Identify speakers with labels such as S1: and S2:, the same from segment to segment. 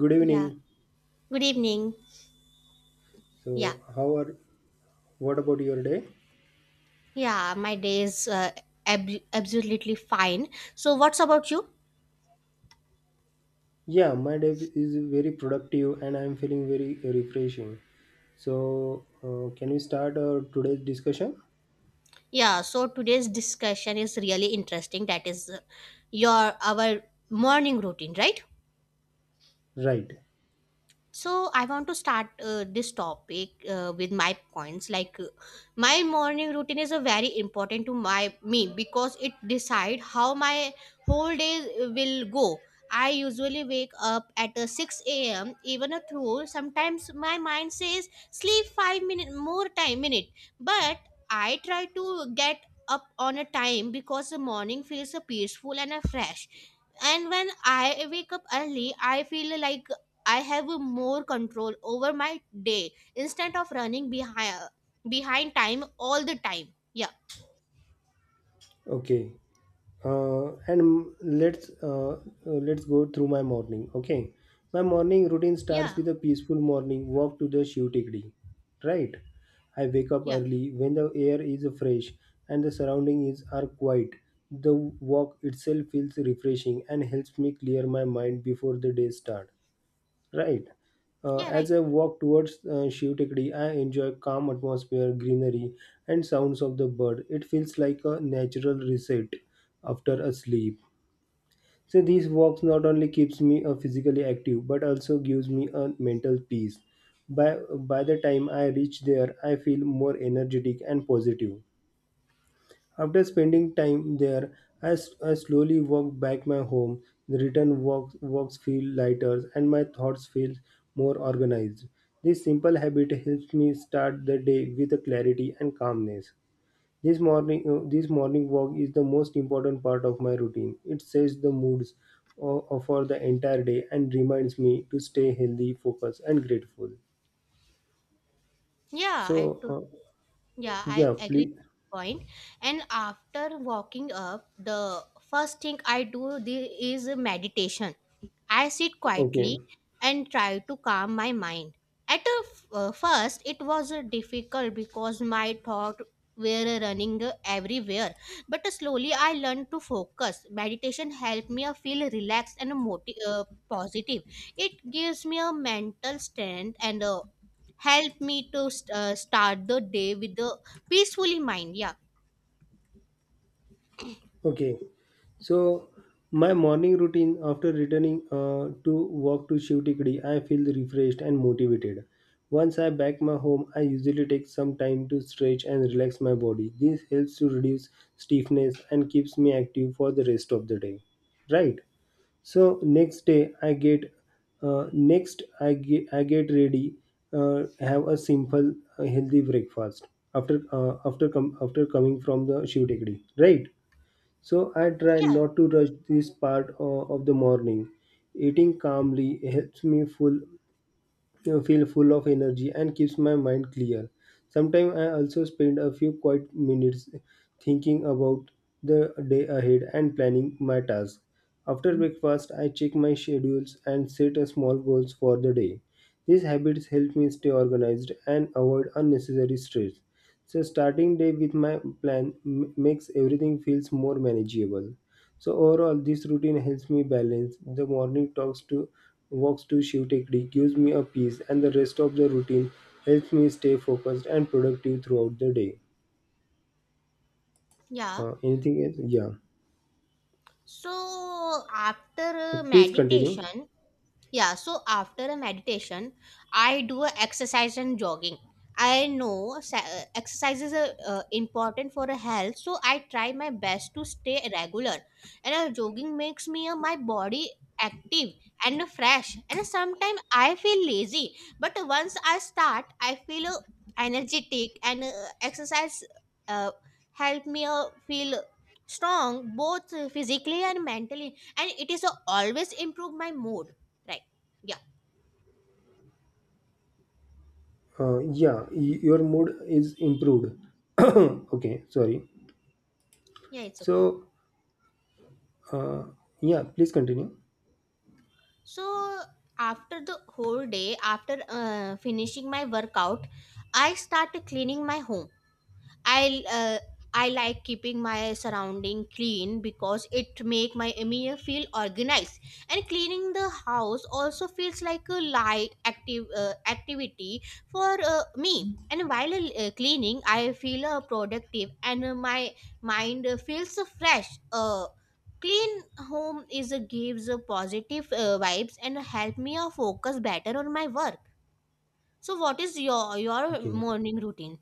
S1: Good
S2: Yeah.
S1: evening.
S2: Good evening. Yeah.
S1: So, how are what about your day?
S2: Yeah, my day is absolutely fine. So, what's about you?
S1: Yeah, my day is very productive and I'm feeling very refreshing. So, can we start our today's discussion?
S2: Yeah, so today's discussion is really interesting. That is your our morning routine, right?
S1: Right.
S2: So I want to start this topic with my points. My morning routine is a very important to my me because it decide how my whole day will go. I usually wake up at 6 a.m. even a through sometimes my mind says sleep 5-minute more time minute but I try to get up on a time because the morning feels peaceful and fresh and when I wake up early I feel like I have more control over my day instead of running behind time all the time. Yeah,
S1: Okay, and let's go through my morning. Okay, my morning routine starts
S2: yeah,
S1: with a peaceful morning walk to the Shiv Tikdi, right? I wake up
S2: yeah,
S1: early when the air is fresh and the surrounding is are quiet. The walk itself feels refreshing and helps me clear my mind before the day start. Right.
S2: yeah,
S1: As
S2: right.
S1: I walk towards Shiv Tekdi, I enjoy calm atmosphere, greenery, and sounds of the bird. It feels like a natural reset after a sleep. So these walks not only keeps me physically active but also gives me a mental peace. By by the time I reach there, I feel more energetic and positive. After spending time there, I slowly walk back my home. The return walks feel lighter and my thoughts feel more organized. This simple habit helps me start the day with a clarity and calmness. This morning walk is the most important part of my routine. It sets the moods for the entire day and reminds me to stay healthy, focused, and grateful.
S2: Yeah, I
S1: So,
S2: to- yeah, I
S1: yeah,
S2: agree
S1: please.
S2: with your point. And after walking up, the first thing I do is meditation. I sit
S1: Okay.
S2: quietly and try to calm my mind. At first, it was difficult because my thoughts were running everywhere. But slowly, I learned to focus. Meditation helped me feel relaxed and positive. It gives me a mental strength and help me to start the day with a peacefully mind. Yeah,
S1: Okay, so my morning routine, after returning to walk to Shivtikdi, I feel refreshed and motivated. Once I back my home, I usually take some time to stretch and relax my body. This helps to reduce stiffness and keeps me active for the rest of the day. Right. So next day, I get next I get ready. Have a simple healthy breakfast after after coming from the Shivtikdi. Right. So I try
S2: yeah,
S1: not to rush this part of the morning. Eating calmly helps me full feel full of energy and keeps my mind clear. Sometimes I also spend a few quiet minutes thinking about the day ahead and planning my tasks. After breakfast, I check my schedules and set a small goals for the day. These habits help me stay organized and avoid unnecessary stress. So starting day with my plan makes everything feels more manageable. So overall, this routine helps me balance the morning talks to walks to Shiv-Tekri gives me a peace, and the rest of the routine helps me stay focused and productive throughout the day.
S2: yeah.
S1: Anything else? Yeah.
S2: So after
S1: Please continue.
S2: meditation, yeah, so after a meditation, I do a exercise and jogging. Exercise is a, important for a health, so I try my best to stay regular. And jogging makes me my body active and fresh. And sometimes I feel lazy, but once I start, I feel energetic and exercise uh, help me feel strong both physically and mentally. And it is always improve my mood, right? Yeah,
S1: Yeah, your mood is improved. Okay, sorry.
S2: yeah, it's okay.
S1: So, uh, yeah, please continue.
S2: So after the whole day, after finishing my workout, I start cleaning my home. I uh, I like keeping my surrounding clean because it make my email feel organized, and cleaning the house also feels like a light active activity for me. And while cleaning I feel productive and my mind feels fresh clean. Home is a gives a positive vibes and help me focus better on my work. So what is your
S1: Okay.
S2: morning routine?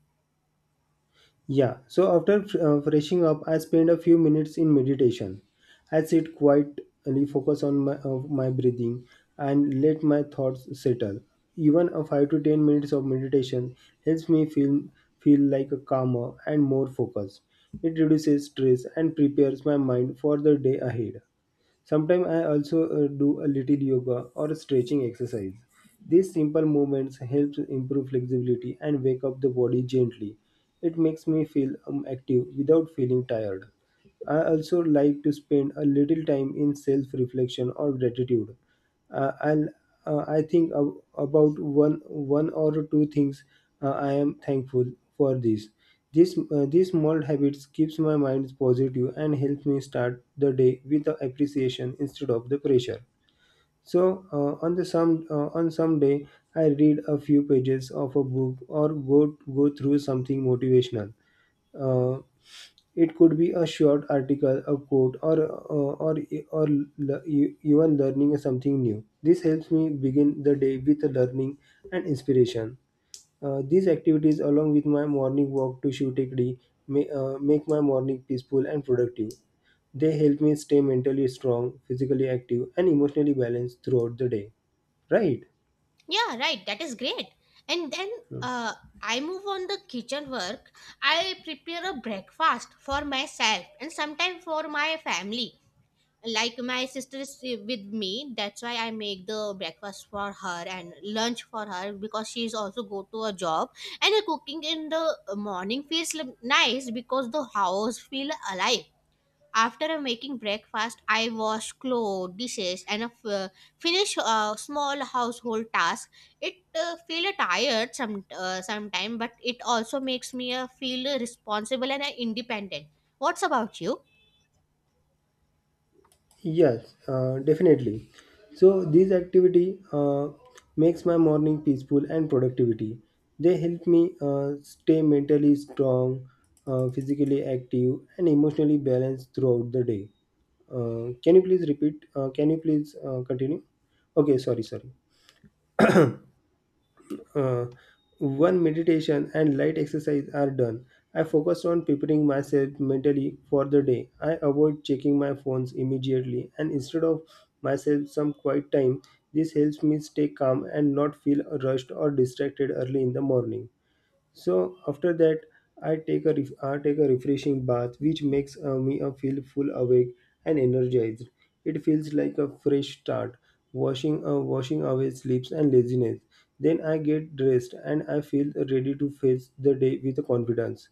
S1: Yeah, so after freshing up, I spend a few minutes in meditation. I sit quietly, focus on my breathing, and let my thoughts settle. Even a 5 to 10 minutes of meditation helps me feel like a calmer and more focused. It reduces stress and prepares my mind for the day ahead. Sometimes I also do a little yoga or stretching exercise. These simple movements help to improve flexibility and wake up the body gently. It makes me feel active without feeling tired. I also like to spend a little time in self reflection or gratitude, and I think about one or two things I am thankful for this. These small habits keeps my mind positive and helps me start the day with the appreciation instead of the pressure. So on some day I read a few pages of a book or go through something motivational. Uh, it could be a short article, a quote, or even learning something new. This helps me begin the day with learning and inspiration. These activities, along with my morning walk to Shutekdi, may, make my morning peaceful and productive. They help me stay mentally strong, physically active, and emotionally balanced throughout the day. Right?
S2: Yeah, right. That is great. And then uh, I move on the kitchen work. I prepare a breakfast for myself and sometimes for my family. Like my sister is with me, that's why I make the breakfast for her and lunch for her because she's also go to a job. And the cooking in the morning feels l- nice because the house feel alive. After making breakfast, I wash clothes, dishes, and finish small household tasks. It feel tired sometime, but it also makes me feel responsible and independent. What's about you?
S1: Yes, definitely. So this activity makes my morning peaceful and productivity. They help me stay mentally strong, physically active, and emotionally balanced throughout the day. Can you please repeat? Can you please continue? Okay, sorry, sorry. uh, One meditation and light exercise are done, I focus on preparing myself mentally for the day. I avoid checking my phones immediately and instead of myself some quiet time, this helps me stay calm and not feel rushed or distracted early in the morning. So after that, I take a refreshing bath, which makes me feel full awake and energized. It feels like a fresh start, washing away sleeps and laziness. Then I get dressed and I feel ready to face the day with confidence.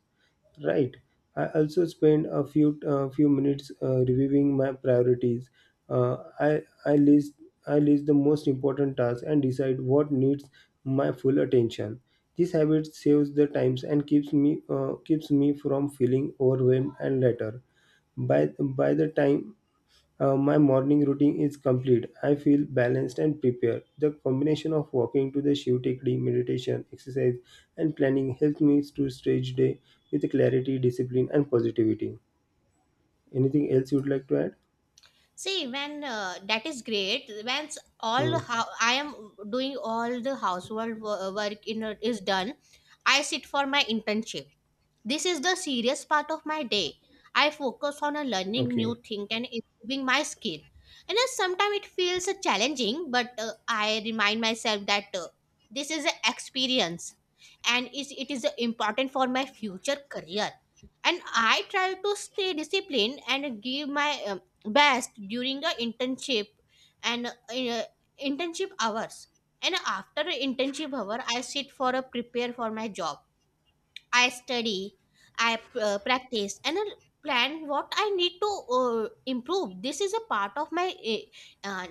S1: Right. I also spend a few few minutes reviewing my priorities. Uh, I I list I list the most important tasks and decide what needs my full attention. This habit saves the times and keeps me from feeling overwhelmed and later. By the time my morning routine is complete. I feel balanced and prepared. The combination of walking to the Shiv Tekdi, meditation, exercise, and planning helps me to start each day with clarity, discipline, and positivity. Anything else you'd like to add?
S2: See, when that is great. When
S1: Hmm.
S2: all how I am doing all the household work in is done, I sit for my internship. This is the serious part of my day. I focus on a learning
S1: Okay.
S2: new thing and improving my skill. And sometimes it feels challenging, but I remind myself that this is an experience and it is important for my future career. And I try to stay disciplined and give my best during the internship and internship hours. And after internship hour, I sit for a prepare for my job. I study, I practice, and I plan what I need to improve. This is a part of my uh, uh,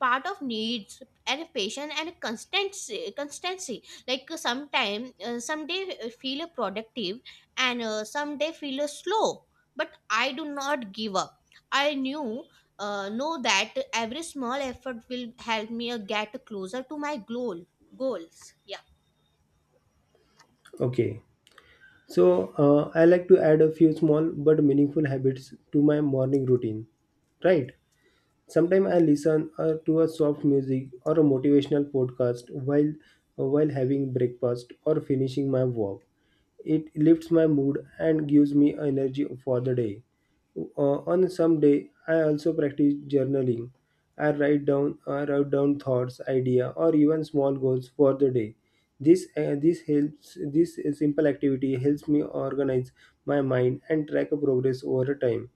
S2: part of needs and patience and constancy. Constancy, sometime, someday feel productive, and someday feel slow. But I do not give up. I knew. Know that every small effort will help me get closer to my goal goals. Yeah,
S1: Okay. So I like to add a few small but meaningful habits to my morning routine. Right. Sometimes I listen to a soft music or a motivational podcast while having breakfast or finishing my work. It lifts my mood and gives me energy for the day. On some day, I also practice journaling. I write down thoughts, idea, or even small goals for the day. This simple activity helps me organize my mind and track progress over time.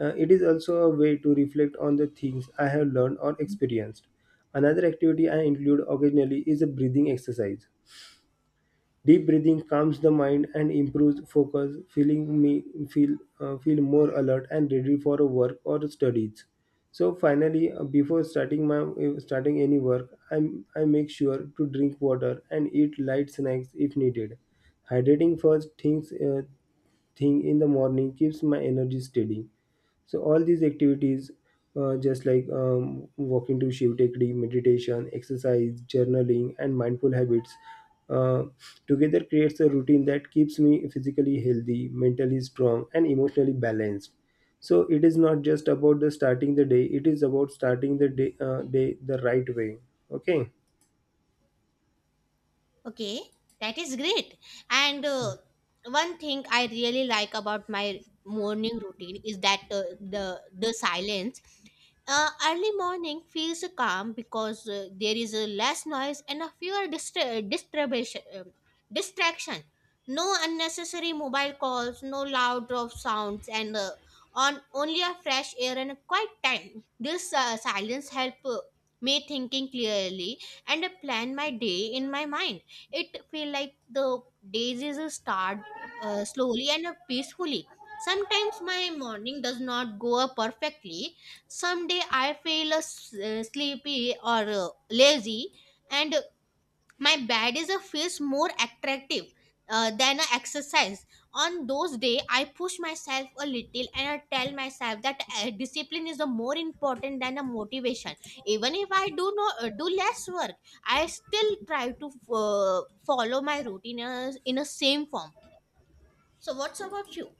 S1: It is also a way to reflect on the things I have learned or experienced. Another activity I include occasionally is a breathing exercise. Deep breathing calms the mind and improves focus, feeling me feel feel more alert and ready for work or studies. So finally, before starting any work, I make sure to drink water and eat light snacks if needed. Hydrating first thing in the morning keeps my energy steady. So all these activities, just like walking to Shiv Tekdi, meditation, exercise, journaling, and mindful habits, uh, together creates a routine that keeps me physically healthy, mentally strong, and emotionally balanced. So it is not just about the starting the day, it is about starting day the right way. Okay.
S2: okay, that is great. And one thing I really like about my morning routine is that the silence. Early morning feels calm because there is less noise and a fewer distraction. No unnecessary mobile calls, no loud of sounds, and on only a fresh air and a quiet time. This silence help me thinking clearly and plan my day in my mind. It feel like the days is a start slowly and peacefully. Sometimes my morning does not go up perfectly. Someday I feel sleepy or lazy, and my bad is a feels more attractive than an exercise. On those day I push myself a little and I tell myself that discipline is the more important than a motivation. Even if I do no do less work I still try to follow my routine in a same form. So what's about you?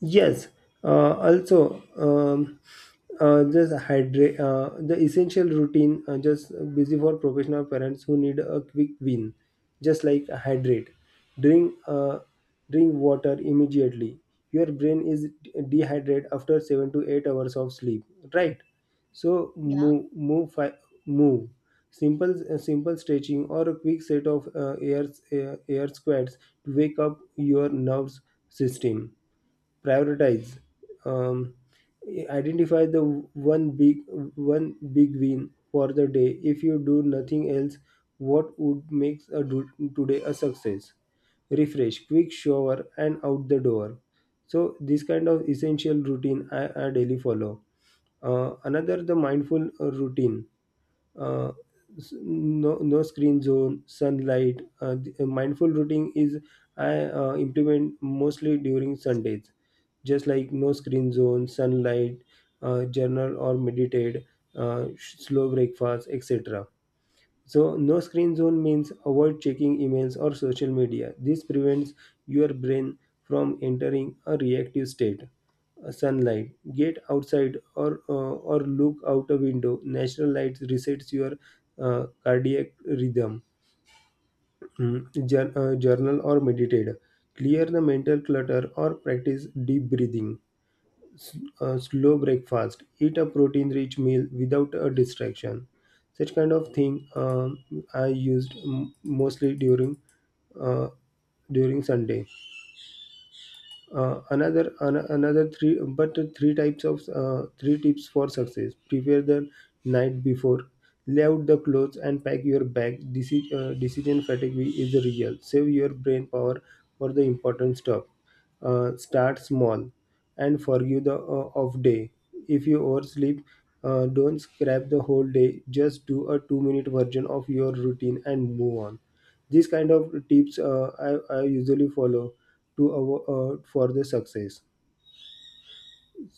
S1: Yes, also just hydrate. The essential routine just busy for professional parents who need a quick win, just like hydrate, drink uh, drink water immediately. Your brain is dehydrated after 7 to 8 hours of sleep, right? So
S2: Yeah.
S1: move. Simple stretching or a quick set of air squats to wake up your nerves system. Prioritize. um, Identify the one big one big win for the day. If you do nothing else, what would make today a success? Refresh, quick shower, and out the door. So this kind of essential routine I daily follow. Uh, another the mindful routine. uh, no screen zone, sunlight. Mindful routing is I implement mostly during Sundays, just like no screen zone, sunlight, journal or meditate, slow breakfast, etc. So, no screen zone means avoid checking emails or social media. This prevents your brain from entering a reactive state. Sunlight. Get outside or look out a window. Natural light resets your cardiac rhythm. Journal or meditate. Clear the mental clutter or practice deep breathing. s- a slow breakfast, eat a protein rich meal without a distraction. Such kind of thing, um, I used mostly during uh, during Sunday. Another an, another three but three types of three tips for success. Prepare the night before, lay out the clothes and pack your bag. Decision fatigue is real. Save your brain power for the important stuff. Uh, start small and forgive the off day. If you oversleep, don't scrap the whole day, just do a 2 minute version of your routine and move on. These kind of tips, I usually follow to for the success.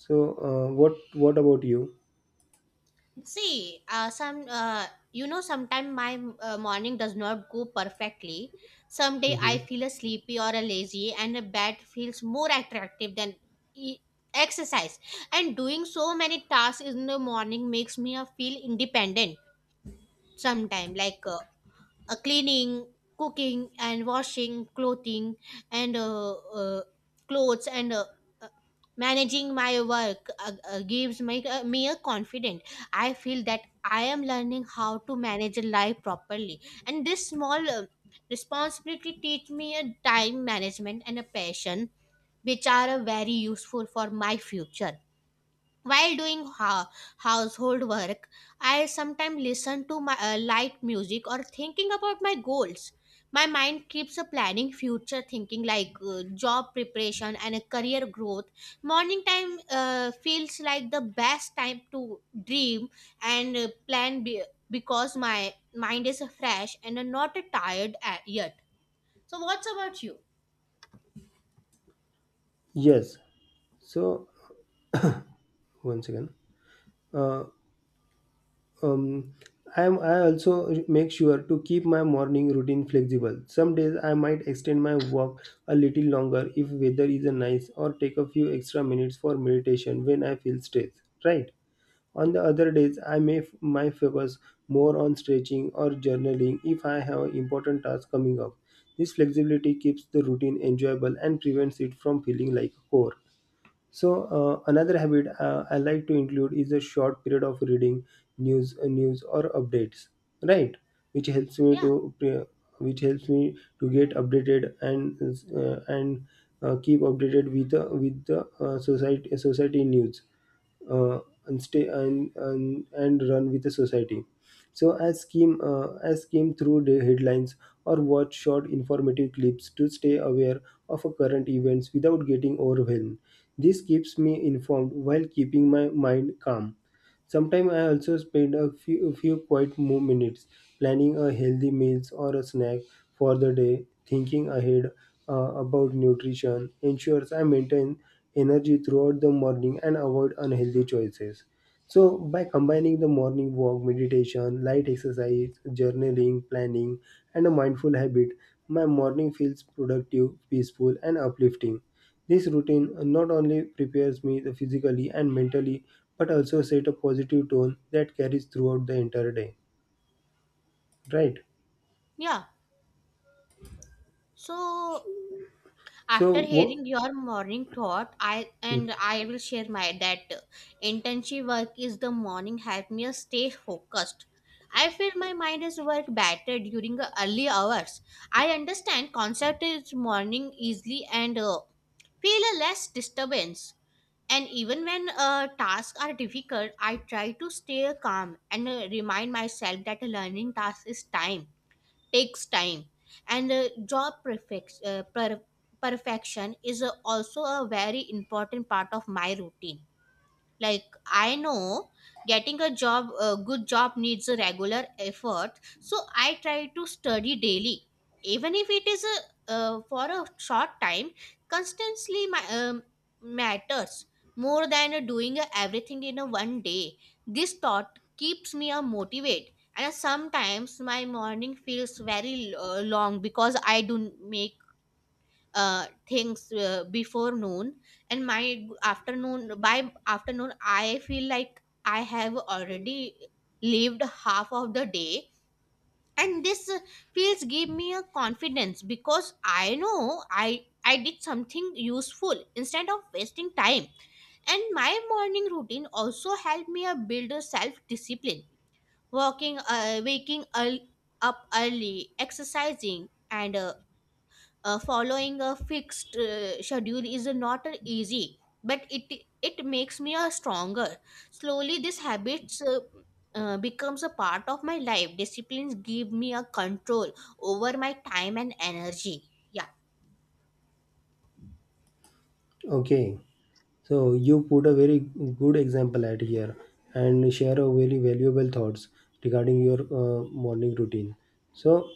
S1: So what about you?
S2: See, some you know, sometimes my morning does not go perfectly. Some day
S1: Hmm.
S2: I feel a sleepy or a lazy, and a bed feels more attractive than e- exercise. And doing so many tasks in the morning makes me feel independent. Sometimes, cleaning, cooking, and washing clothing and uh, clothes and uh, managing my work gives me a confidence. I feel that I am learning how to manage a life properly, and this small responsibility teach me a time management and a passion, which are very useful for my future. While doing household work, I sometimes listen to my light music or thinking about my goals. My mind keeps a planning future thinking like job preparation and career growth. Morning time feels like the best time to dream and plan because my mind is fresh and not tired yet. So what's about you?
S1: Yes. So once again, uh, um, I am. I also make sure to keep my morning routine flexible. Some days I might extend my walk a little longer if weather is nice, or take a few extra minutes for meditation when I feel stressed. Right. On the other days, I might focus more on stretching or journaling if I have important tasks coming up. This flexibility keeps the routine enjoyable and prevents it from feeling like a chore. So another habit I like to include is a short period of reading news, news or updates, right? Which helps me
S2: Yeah,
S1: to pre- which helps me to get updated and keep updated with the society news uh, and and run with the society. So I skim through the headlines or watch short informative clips to stay aware of a current events without getting overwhelmed. This keeps me informed while keeping my mind calm. Sometimes I also spend a few quiet minutes planning a healthy meals or a snack for the day, thinking ahead about nutrition, ensures I maintain energy throughout the morning and avoid unhealthy choices. So, by combining the morning walk, meditation, light exercise, journaling, planning, and a mindful habit, my morning feels productive, peaceful, and uplifting. This routine not only prepares me physically and mentally, but also set a positive tone that carries throughout the entire day. Right?
S2: yeah. So
S1: So,
S2: after
S1: what?
S2: hearing your morning thought I and I will share my that intensive work is the morning help me stay focused. I feel my mind is work better during the early hours. I understand concept is morning easily and feel a less disturbance. And even when tasks are difficult I try to stay calm and remind myself that a learning task is time takes time. And perfection is also a very important part of my routine. Like I know getting a job a good job needs a regular effort, so I try to study daily even if it is a for a short time. Constantly my, matters more than doing everything in a one day. This thought keeps me a motivate. And sometimes my morning feels very long because I do make things before noon. And my afternoon by afternoon I feel like I have already lived half of the day. And this feels give me a confidence because I know i did something useful instead of wasting time. And my morning routine also helped me build a self discipline. Waking early, exercising and following a fixed schedule is not easy, but it makes me a stronger. Slowly this habits becomes a part of my life. Disciplines give me a control over my time and energy. Yeah.
S1: Okay. So you put a very good example at here and share a very valuable thoughts regarding your morning routine. So,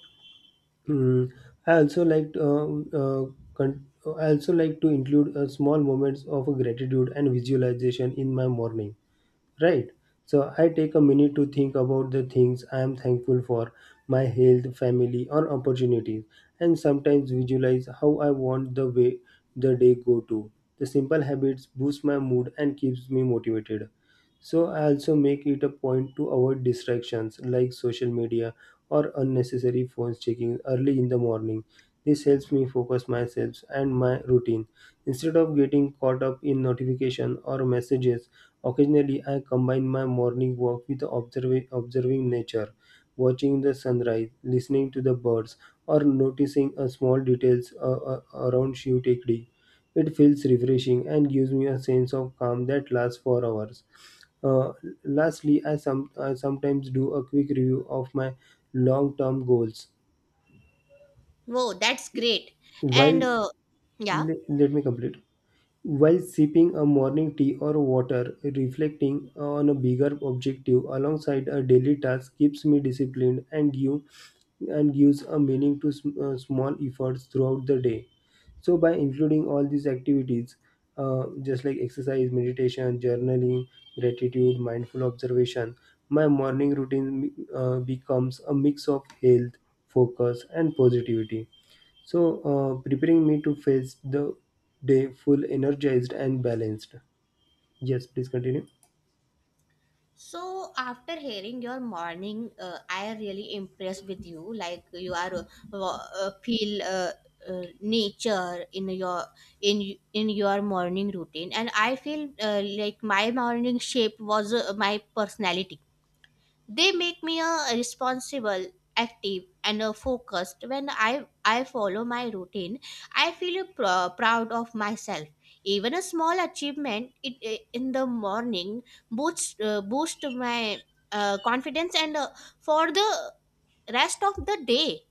S1: mm, I also like con- I also like to include small moments of gratitude and visualization in my morning, right? So I take a minute to think about the things I am thankful for, my health, family, or opportunities, and sometimes visualize how I want the way the day go to. The simple habits boost my mood and keeps me motivated. So I also make it a point to avoid distractions like social media or unnecessary phone checking early in the morning. This helps me focus myself and my routine. Instead of getting caught up in notification or messages, occasionally I combine my morning walk with observing nature, watching the sunrise, listening to the birds, or noticing a small details around Shiv Tekdi. It feels refreshing and gives me a sense of calm that lasts for hours. Uh, lastly, I sometimes do a quick review of my long term goals.
S2: Whoa, that's great. And
S1: While
S2: yeah.
S1: let me complete. While sipping a morning tea or water, reflecting on a bigger objective alongside a daily task keeps me disciplined and gives a meaning to small efforts throughout the day. So by including all these activities, just like exercise, meditation, journaling, gratitude, mindful observation, my morning routine becomes a mix of health, focus, and positivity. So, preparing me to face the day full energized and balanced. Yes, please continue.
S2: So after hearing your morning, I am really impressed with you. Like you are feel nature in your in your morning routine, and I feel like my morning shape was my personality. They make me a responsible, active, and a focused. When I follow my routine, I feel proud of myself. Even a small achievement in the morning boost my confidence and for the rest of the day.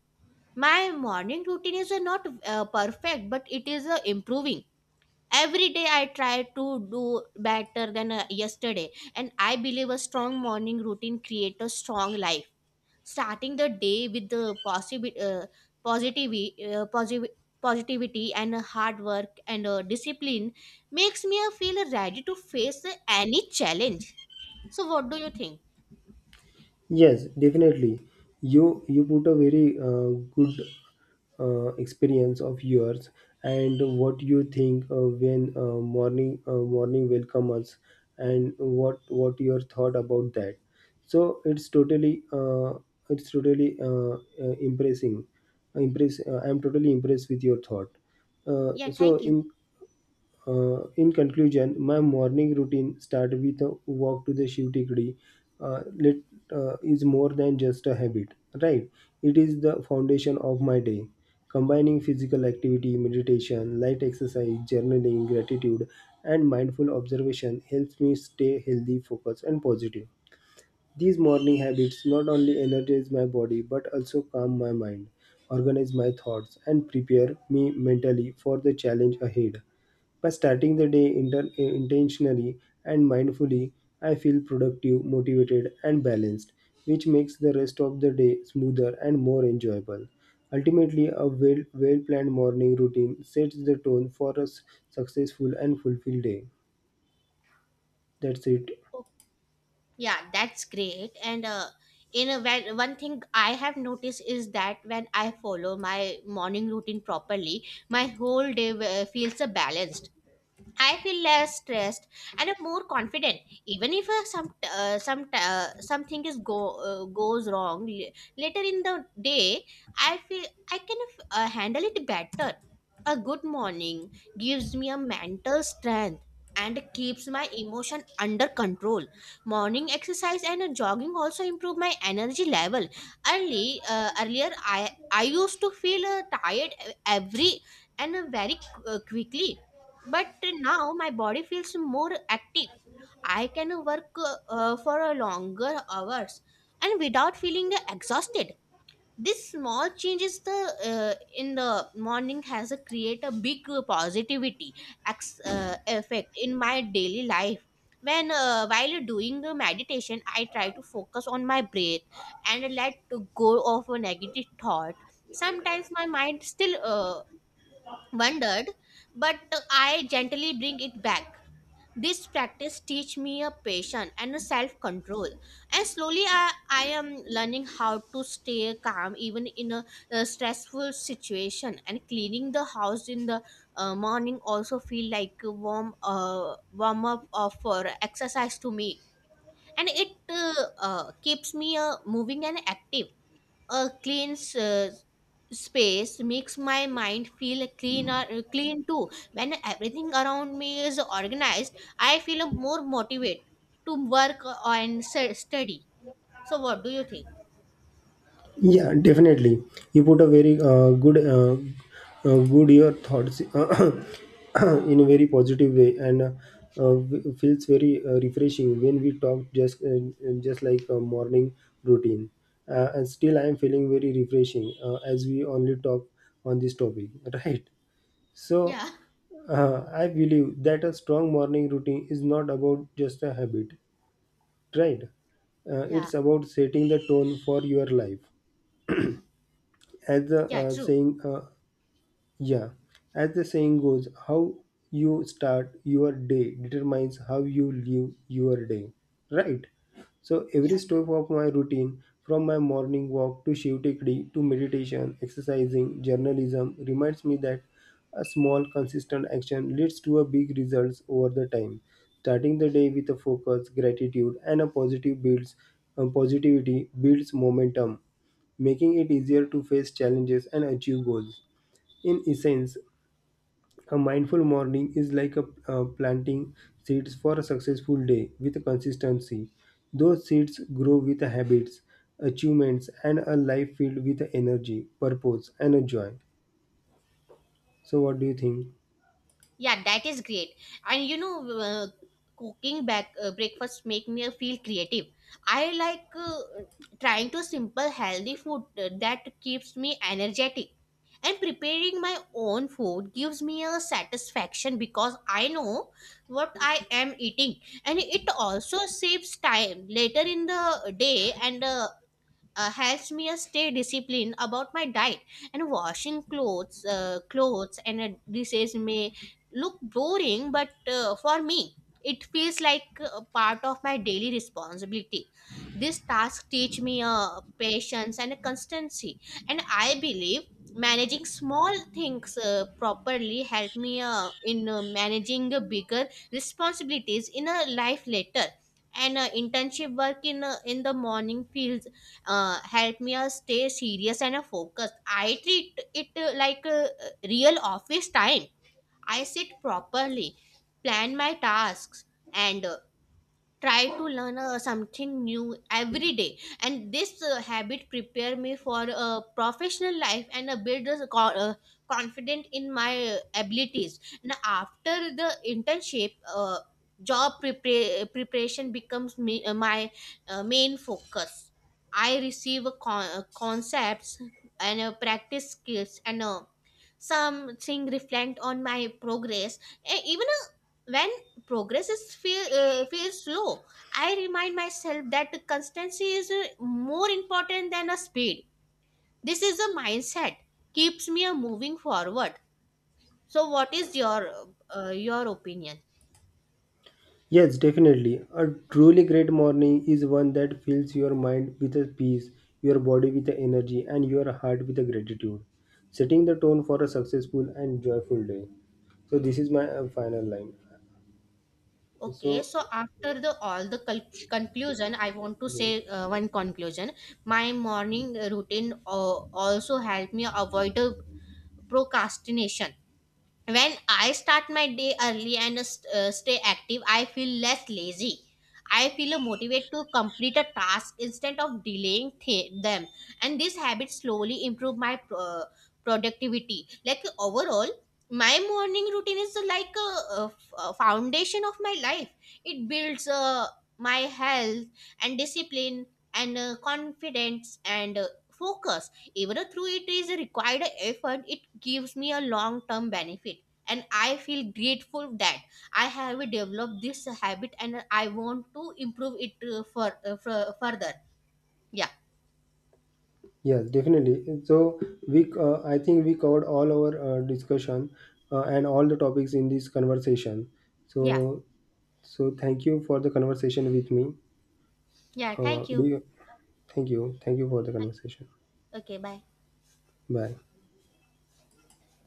S2: My morning routine is not perfect, but it is improving. Every day I try to do better than yesterday. And I believe a strong morning routine creates a strong life. Starting the day with the positivity, uh, posivi- positivity and hard work and discipline makes me feel ready to face any challenge. So, what do you think?
S1: Yes, definitely. You put a very good, experience of yours and what you think when morning will come us and what your thought about that. So it's totally impressing. Impress. I'm totally impressed with your thought. Uh,
S2: Yeah,
S1: so
S2: thank you.
S1: in in conclusion, my morning routine start with a walk to the Shiv Tikdi. Let is more than just a habit, right? It is the foundation of my day. Combining physical activity, meditation, light exercise, journaling, gratitude, and mindful observation helps me stay healthy, focused, and positive. These morning habits not only energize my body but also calm my mind, organize my thoughts, and prepare me mentally for the challenge ahead. By starting the day intentionally and mindfully, I feel productive, motivated, and balanced, which makes the rest of the day smoother and more enjoyable. Ultimately, a well planned morning routine sets the tone for a successful and fulfilled day. That's it.
S2: Oh, yeah, that's great. And one thing I have noticed is that when I follow my morning routine properly, my whole day feels balanced. I feel less stressed and I'm more confident. Even if something is go goes wrong later in the day, I feel I can handle it better. A good morning gives me a mental strength and keeps my emotion under control. Morning exercise and jogging also improve my energy level. Early earlier, I used to feel tired every and very quickly, but now my body feels more active. I can work for a longer hours and without feeling exhausted. This small changes the in the morning has a create a big positivity effect in my daily life. When While doing the meditation, I try to focus on my breath and let to go of a negative thought. Sometimes my mind still wondered, but I gently bring it back. This practice teach me a patience and a self-control. And slowly I am learning how to stay calm even in a stressful situation. And cleaning the house in the morning also feel like a warm warm up of for exercise to me. And it keeps me moving and active. A clean space makes my mind feel clean too. When everything around me is organized, I feel more motivated to work and study. So what do you think?
S1: Yeah, definitely. You put a very good, good your thoughts in a very positive way, and uh, feels very refreshing when we talk just like a morning routine. And still, I am feeling very refreshing as we only talk on this topic, right? So,
S2: Yeah,
S1: I believe that a strong morning routine is not about just a habit, right?
S2: yeah,
S1: It's about setting the tone for your life as the
S2: yeah, true.
S1: yeah, as the saying goes, how you start your day determines how you live your day, right? So every
S2: Yeah,
S1: step of my routine, from my morning walk to Shiv Tekdi to meditation, exercising, journalism, reminds me that a small consistent action leads to a big results over the time. Starting the day with a focus, gratitude, and a positive builds positivity builds momentum, making it easier to face challenges and achieve goals. In essence, a mindful morning is like planting seeds for a successful day with consistency. Those seeds grow with habits, achievements, and a life filled with energy, purpose, and joy. So, what do you think?
S2: yeah, that is great. And you know, uh, cooking back breakfast make me feel creative. I like trying to simple healthy food that keeps me energetic, and preparing my own food gives me a satisfaction because I know what I am eating, and it also saves time later in the day, and helps me stay disciplined about my diet. And washing clothes and dishes may look boring, but for me it feels like a part of my daily responsibility. This task teach me patience and constancy, and I believe managing small things properly help me in managing the bigger responsibilities in a life later. And internship work in the morning feels help me stay serious and focused. I treat it like a real office time. I sit properly, plan my tasks, and try to learn something new every day. And this habit prepare me for a professional life and a build a confident in my abilities. And after the internship, job prepare preparation becomes my main focus. I receive a concepts and practice skills, and something reflect on my progress. Even when progress is feels slow, I remind myself that constancy is more important than a speed. This is a mindset keeps me moving forward. So what is your opinion?
S1: Yes, definitely. A truly great morning is one that fills your mind with a peace, your body with a energy, and your heart with a gratitude, setting the tone for a successful and joyful day. So, this is my final line.
S2: Okay,
S1: So,
S2: so after the all the conclusion I want to
S1: yeah.
S2: say one conclusion. My morning routine also helped me avoid procrastination. When I start my day early and stay active, I feel less lazy. I feel motivated to complete a task instead of delaying them. And this habit slowly improve my productivity like overall. My morning routine is like a foundation of my life. It builds my health and discipline and confidence and focus. Even though it is a required effort, it gives me a long term benefit, and I feel grateful that I have developed this habit and I want to improve it for, fur- further Yeah.
S1: Yes, definitely. So I think we covered all our discussion and all the topics in this conversation.
S2: Yeah.
S1: So, so thank you for the conversation with me.
S2: Yeah, thank
S1: Do
S2: you.
S1: you? Thank you. Thank you for the conversation.
S2: Okay, bye.
S1: Bye.